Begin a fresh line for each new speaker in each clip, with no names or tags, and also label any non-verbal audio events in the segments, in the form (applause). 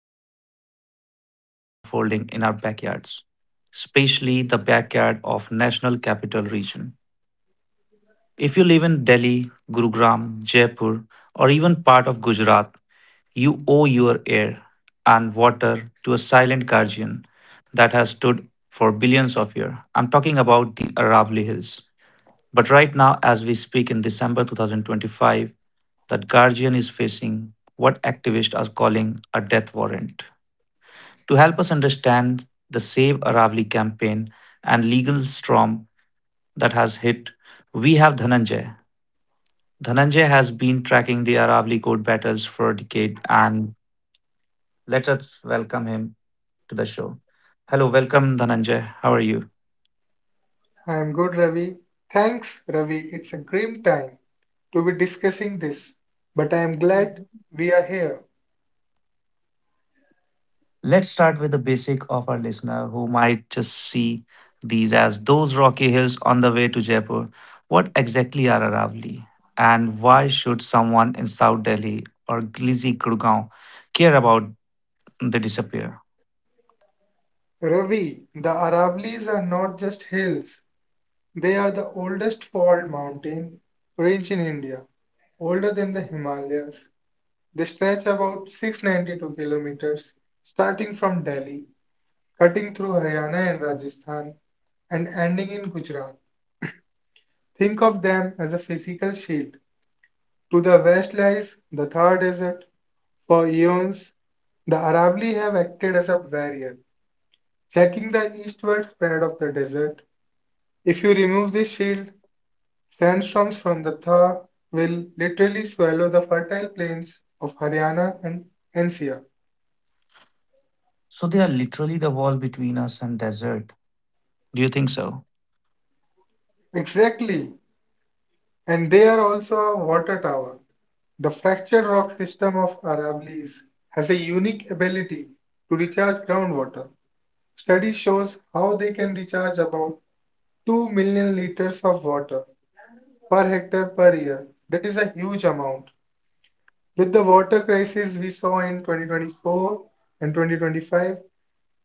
crisis that is literally unfolding in our backyards, especially the backyard of National Capital Region. If you live in Delhi, Gurugram, Jaipur, or even part of Gujarat, you owe your air and water to a silent guardian that has stood for billions of years. I'm talking about the Aravali Hills. But right now, as we speak in December 2025, that Guardian is facing what activists are calling a death warrant. To help us understand the Save Aravali campaign and legal storm that has hit, we have Dhananjay. Dhananjay has been tracking the Aravali court battles for a decade, and let us welcome him to the show. Hello, welcome, Dhananjay. How are you?
I am good, Ravi. Thanks, Ravi. It's a grim time to be discussing this, but I am glad we are here.
Let's start with the basic of our listener who might just see these as those rocky hills on the way to Jaipur. What exactly are Aravalli? And why should someone in South Delhi or Glizi Gurgaon care about the disappear?
Ravi, the Aravallis are not just hills, they are the oldest fault mountain range in India, older than the Himalayas. They stretch about 692 kilometers, starting from Delhi, cutting through Haryana and Rajasthan, and ending in Gujarat. Think of them as a physical shield. To the west lies the Thar Desert. For eons, the Aravali have acted as a barrier, checking the eastward spread of the desert. If you remove this shield, sandstorms from the Thar will literally swallow the fertile plains of Haryana and NCR.
So they are literally the wall between us and desert. Do you think so?
Exactly, and they are also a water tower. The fractured rock system of Aravallis has a unique ability to recharge groundwater. Study shows how they can recharge about 2 million liters of water per hectare per year. That is a huge amount. With the water crisis we saw in 2024 and 2025,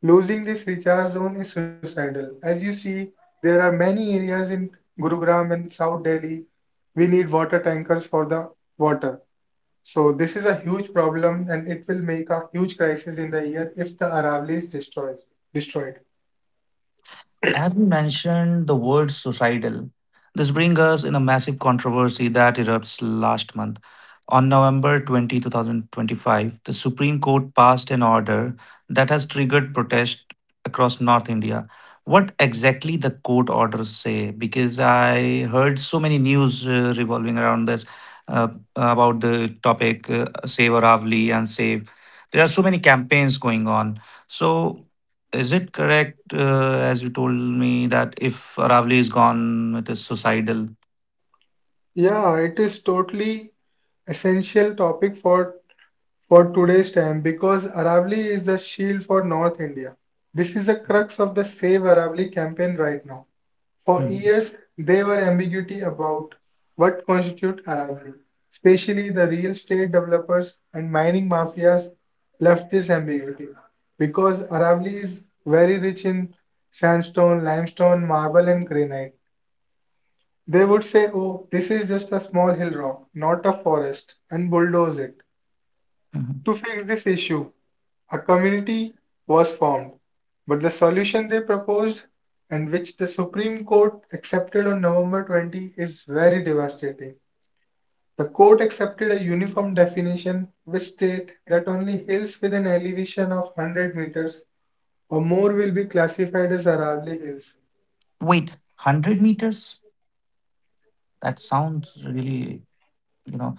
losing this recharge zone is suicidal. As you see, there are many areas in Gurugram and South Delhi we need water tankers for the water. So this is a huge problem and it will make a huge crisis in the year if the Aravalli is destroyed. Destroyed.
As we mentioned the word suicidal, this brings us in a massive controversy that erupts last month. On November 20, 2025, the Supreme Court passed an order that has triggered protest across North India. What exactly the court orders say? Because I heard so many news revolving around this uh, about the topic Save Aravli and Save. There are so many campaigns going on. So is it correct, as you told me, that if Aravali is gone, it is suicidal?
Yeah, it is totally essential topic for today's time because Aravali is the shield for North India. This is the crux of the Save Aravali campaign right now. For
Mhm,
years, there were ambiguity about what constitute Aravali. Especially the real estate developers and mining mafias left this ambiguity because Aravali is very rich in sandstone, limestone, marble, and granite. They would say, oh, this is just a small hill rock, not a forest, and bulldoze it.
mhm.
To fix this issue, a community was formed, but the solution they proposed, and which the Supreme Court accepted on November 20, is very devastating. The court accepted a uniform definition which states that only hills with an elevation of 100 meters or more will be classified as Aravalli Hills.
Wait, 100 meters? That sounds really, you know.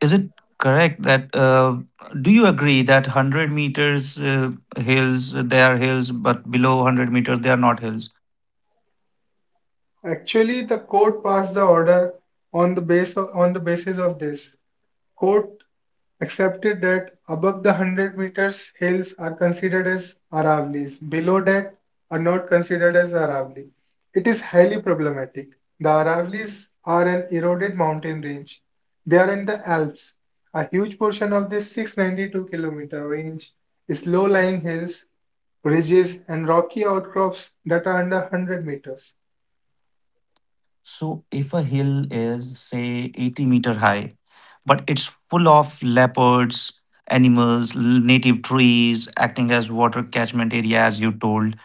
Is it correct that, do you agree that 100 meters hills, they are hills, but below 100 meters, they are not hills?
Actually, the court passed the order on the basis of this. Court accepted that above the 100 meters hills are considered as Aravallis, below that are not considered as Aravalli. It is highly problematic. The Aravallis are an eroded mountain range. They are in the Alps. A huge portion of this 692-kilometer range is low-lying hills, ridges, and rocky outcrops that are under 100 meters.
So if a hill is, say, 80-meter high, but it's full of leopards, animals, native trees acting as water catchment area, as you told,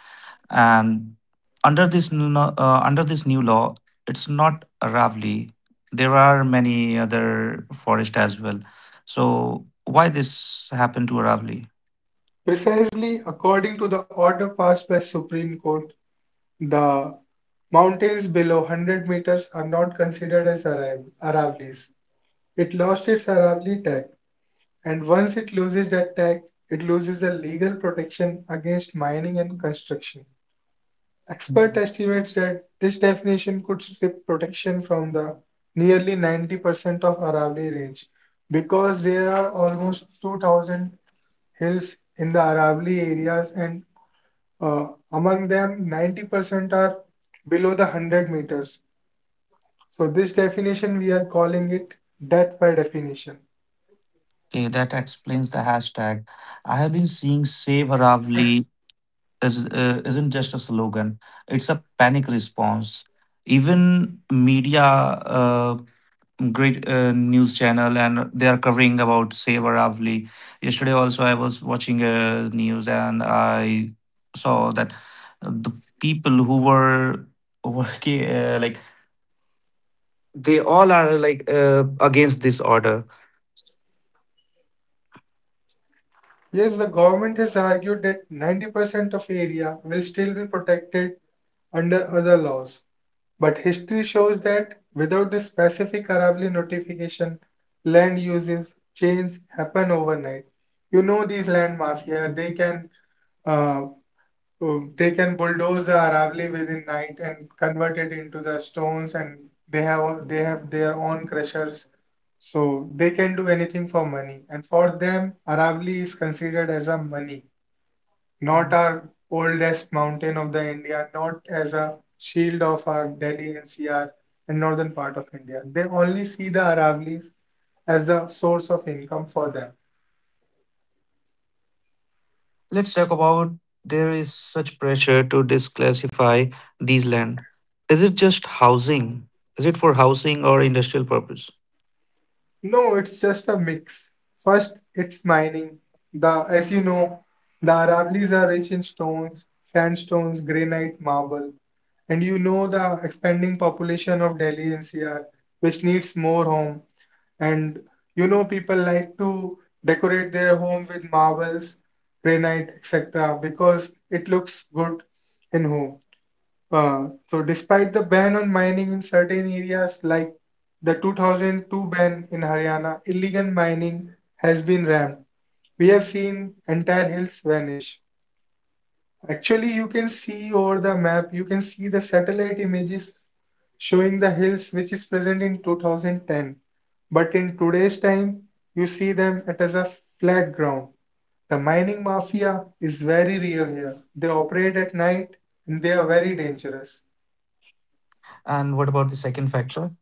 and under this new law, it's not Aravali. There are many other forest as well. So why this happened to Aravali?
Precisely according to the order passed by Supreme Court, the mountains below 100 meters are not considered as Aravallis. It lost its Aravalli tag, and once it loses that tag, it loses the legal protection against mining and construction. Expert
Mhm.
estimates that this definition could strip protection from the nearly 90% of Aravalli range because there are almost 2000 hills in the Aravalli areas and uh, among them, 90% are below the 100 meters. So, this definition we are calling it death by definition.
Okay, that explains the hashtag. I have been seeing Save Aravali is, isn't just a slogan, it's a panic response. Even media, great news channel, and they are covering about Saver Avli. Yesterday, also, I was watching news and I saw that the people who were working, like, they all are like against this order.
Yes, the government has argued that 90% of area will still be protected under other laws. But history shows that without the specific Arabli notification, land uses change happen overnight. You know these land mafia, they can uh, So they can bulldoze the Aravali within night and convert it into the stones, and they have their own crushers, so they can do anything for money. And for them, Aravali is considered as a money, not our oldest mountain of the India, not as a shield of our Delhi NCR and northern part of India. They only see the Aravalis as the source of income for them.
Let's talk about there is such pressure to disclassify these land. Is it just housing? Is it for housing or industrial purpose?
No, it's just a mix. First, it's mining. The, as you know, the Aravallis are rich in stones, sandstones, granite, marble. And you know the expanding population of Delhi NCR, which needs more home. And you know people like to decorate their home with marbles, granite, etc. because it looks good in home. So despite the ban on mining in certain areas like the 2002 ban in Haryana, illegal mining has been ramped. We have seen entire hills vanish. Actually, you can see over the map, you can see the satellite images showing the hills which is present in 2010. But in today's time, you see them it as a flat ground. The mining mafia is very real here. They operate at night and they are very dangerous.
And what about the second factor?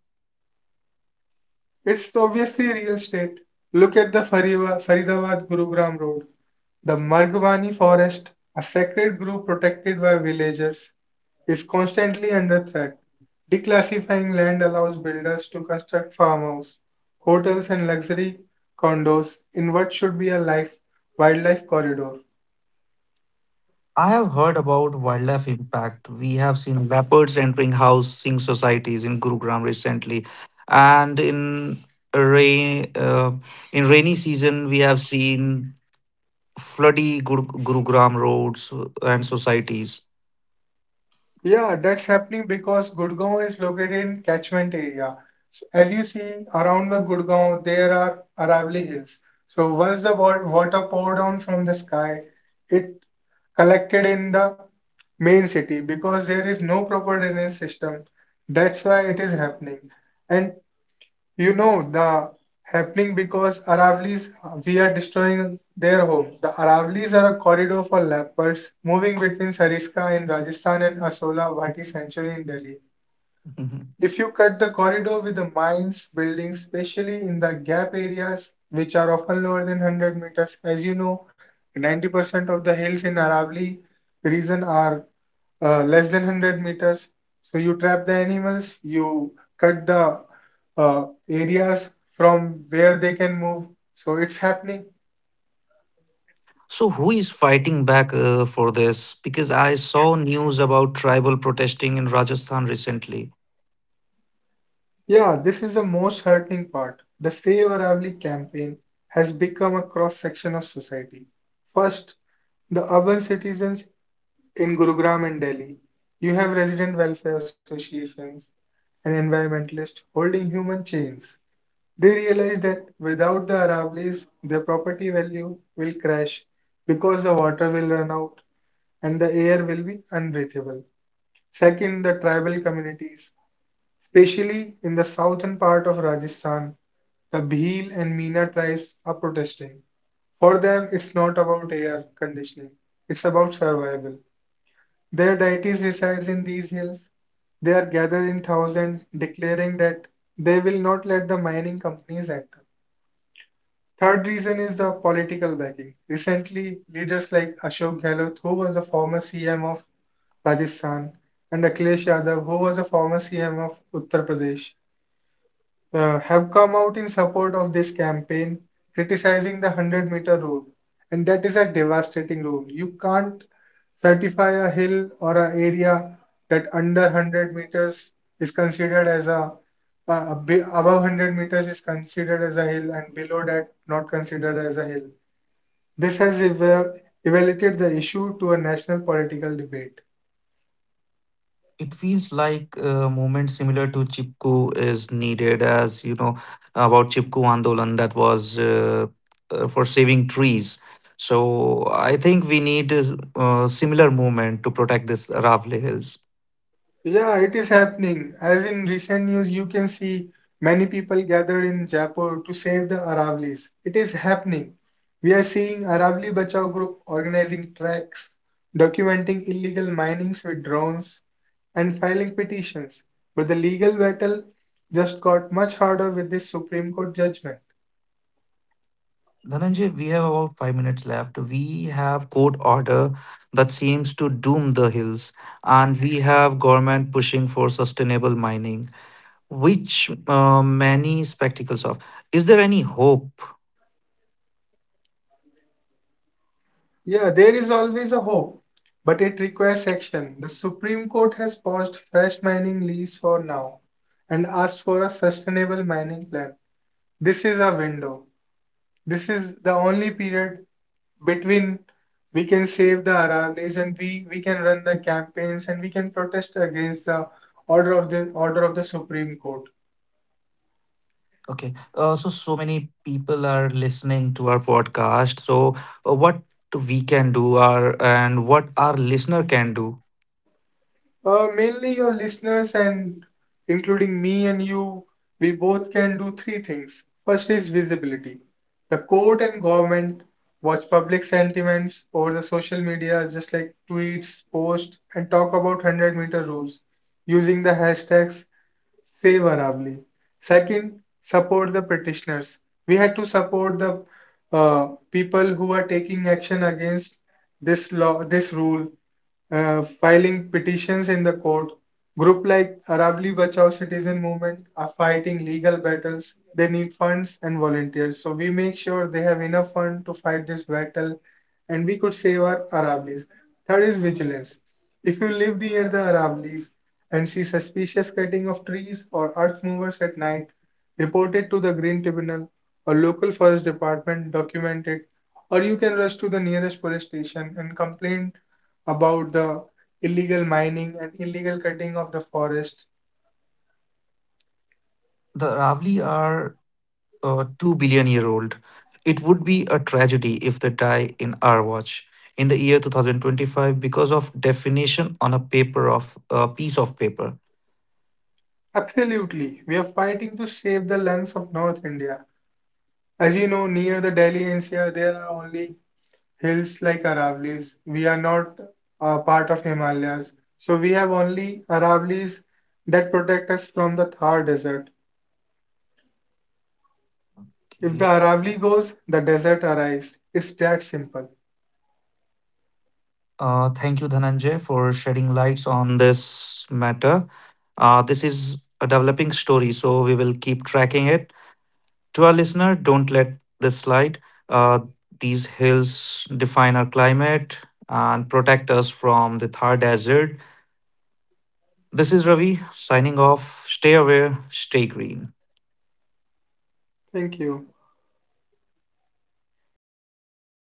It's obviously real estate. Look at the Faridabad-Gurugram road. The Margwani forest, a sacred grove protected by villagers, is constantly under threat. Declassifying land allows builders to construct farmhouses, hotels, and luxury condos in what should be a life wildlife corridor.
I have heard about wildlife impact. We have seen leopards entering housing societies in Gurugram recently, and in rain in rainy season we have seen Gurugram roads and societies.
Yeah, that's happening because Gurgaon is located in catchment area. So as you see around the Gurgaon, there are Aravalli Hills. So once the water poured down from the sky, it collected in the main city because there is no proper drainage system. That's why it is happening. And you know the happening because Aravli's. We are destroying their home. The Aravli's are a corridor for leopards moving between Sariska in Rajasthan and Asola Bhatti sanctuary in Delhi.
(laughs)
If you cut the corridor with the mines, buildings, especially in the gap areas, which are often lower than 100 meters, as you know, 90% of the hills in Aravali region are less than 100 meters. So you trap the animals, you cut the areas from where they can move. So it's happening.
So, who is fighting back for this? Because I saw news about tribal protesting in Rajasthan recently.
Yeah, this is the most hurting part. The Save Aravali campaign has become a cross section of society. First, the urban citizens in Gurugram and Delhi. You have resident welfare associations and environmentalists holding human chains. They realize that without the Aravalis, their property value will crash because the water will run out and the air will be unbreathable. Second, the tribal communities. Especially in the southern part of Rajasthan, the Bhil and Meena tribes are protesting. For them, it's not about air conditioning, it's about survival. Their deities resides in these hills. They are gathered in thousands, declaring that they will not let the mining companies enter. Third reason is the political backing. Recently, leaders like Ashok Gehlot, who was the former CM of Rajasthan, and Akhilesh Yadav, who was the former CM of Uttar Pradesh, have come out in support of this campaign, criticizing the 100-meter rule. And that is a devastating rule. You can't certify a hill or an area that under 100 meters is considered as a above 100 meters is considered as a hill and below that not considered as a hill. This has elevated the issue to a national political debate.
It feels like a movement similar to Chipku is needed, as you know about Chipku Andolan that was for saving trees. So, I think we need a similar movement to protect this Ravli Hills.
Yeah, it is happening. As in recent news, you can see many people gathered in Jaipur to save the Aravlis. It is happening. We are seeing Aravali Bachao group organizing tracks, documenting illegal minings with drones, and filing petitions. But the legal battle just got much harder with this Supreme Court judgment.
Dhananjay, we have about 5 minutes left. We have court order that seems to doom the hills, and we have government pushing for sustainable mining, which many spectacles of. Is there any hope?
Yeah, there is always a hope, but it requires action. The Supreme Court has paused fresh mining lease for now and asked for a sustainable mining plan. This is a window. This is the only period between we can save the Aravallis and we can run the campaigns and we can protest against the order of the Supreme Court.
Okay, so many people are listening to our podcast. So what we can do, our and what our listener can do.
Mainly your listeners and including me and you, we both can do three things. First is visibility. The court and government watch public sentiments over the social media, just like tweets, posts, and talk about 100-meter rules using the hashtags favorably. Second, support the petitioners. We had to support the people who are taking action against this law, this rule, filing petitions in the court. Group like Aravali Bachao Citizen Movement are fighting legal battles. They need funds and volunteers. So we make sure they have enough fund to fight this battle and we could save our Aravlis. Third is vigilance. If you live near the Aravallis and see suspicious cutting of trees or earth movers at night, report it to the Green Tribunal or local forest department, document it, or you can rush to the nearest police station and complain about the illegal mining and illegal cutting of the forest.
The Ravli are 2 billion year old. It would be a tragedy if they die in our watch in the year 2025 because of definition on a paper of a piece of paper.
Absolutely, we are fighting to save the lungs of North India. As you know, near the Delhi NCR, there are only hills like Aravallis, we are not part of Himalayas, so we have only Aravallis that protect us from the Thar desert. If
Okay.
the Aravalli goes, the desert arrives. It's that simple.
Thank you, Dhananjay, for shedding lights on this matter. This is a developing story, so we will keep tracking it. To our listener, don't let this slide. Uh, these hills define our climate and protect us from the Thar Desert. This is Ravi signing off. Stay aware, stay green.
Thank you.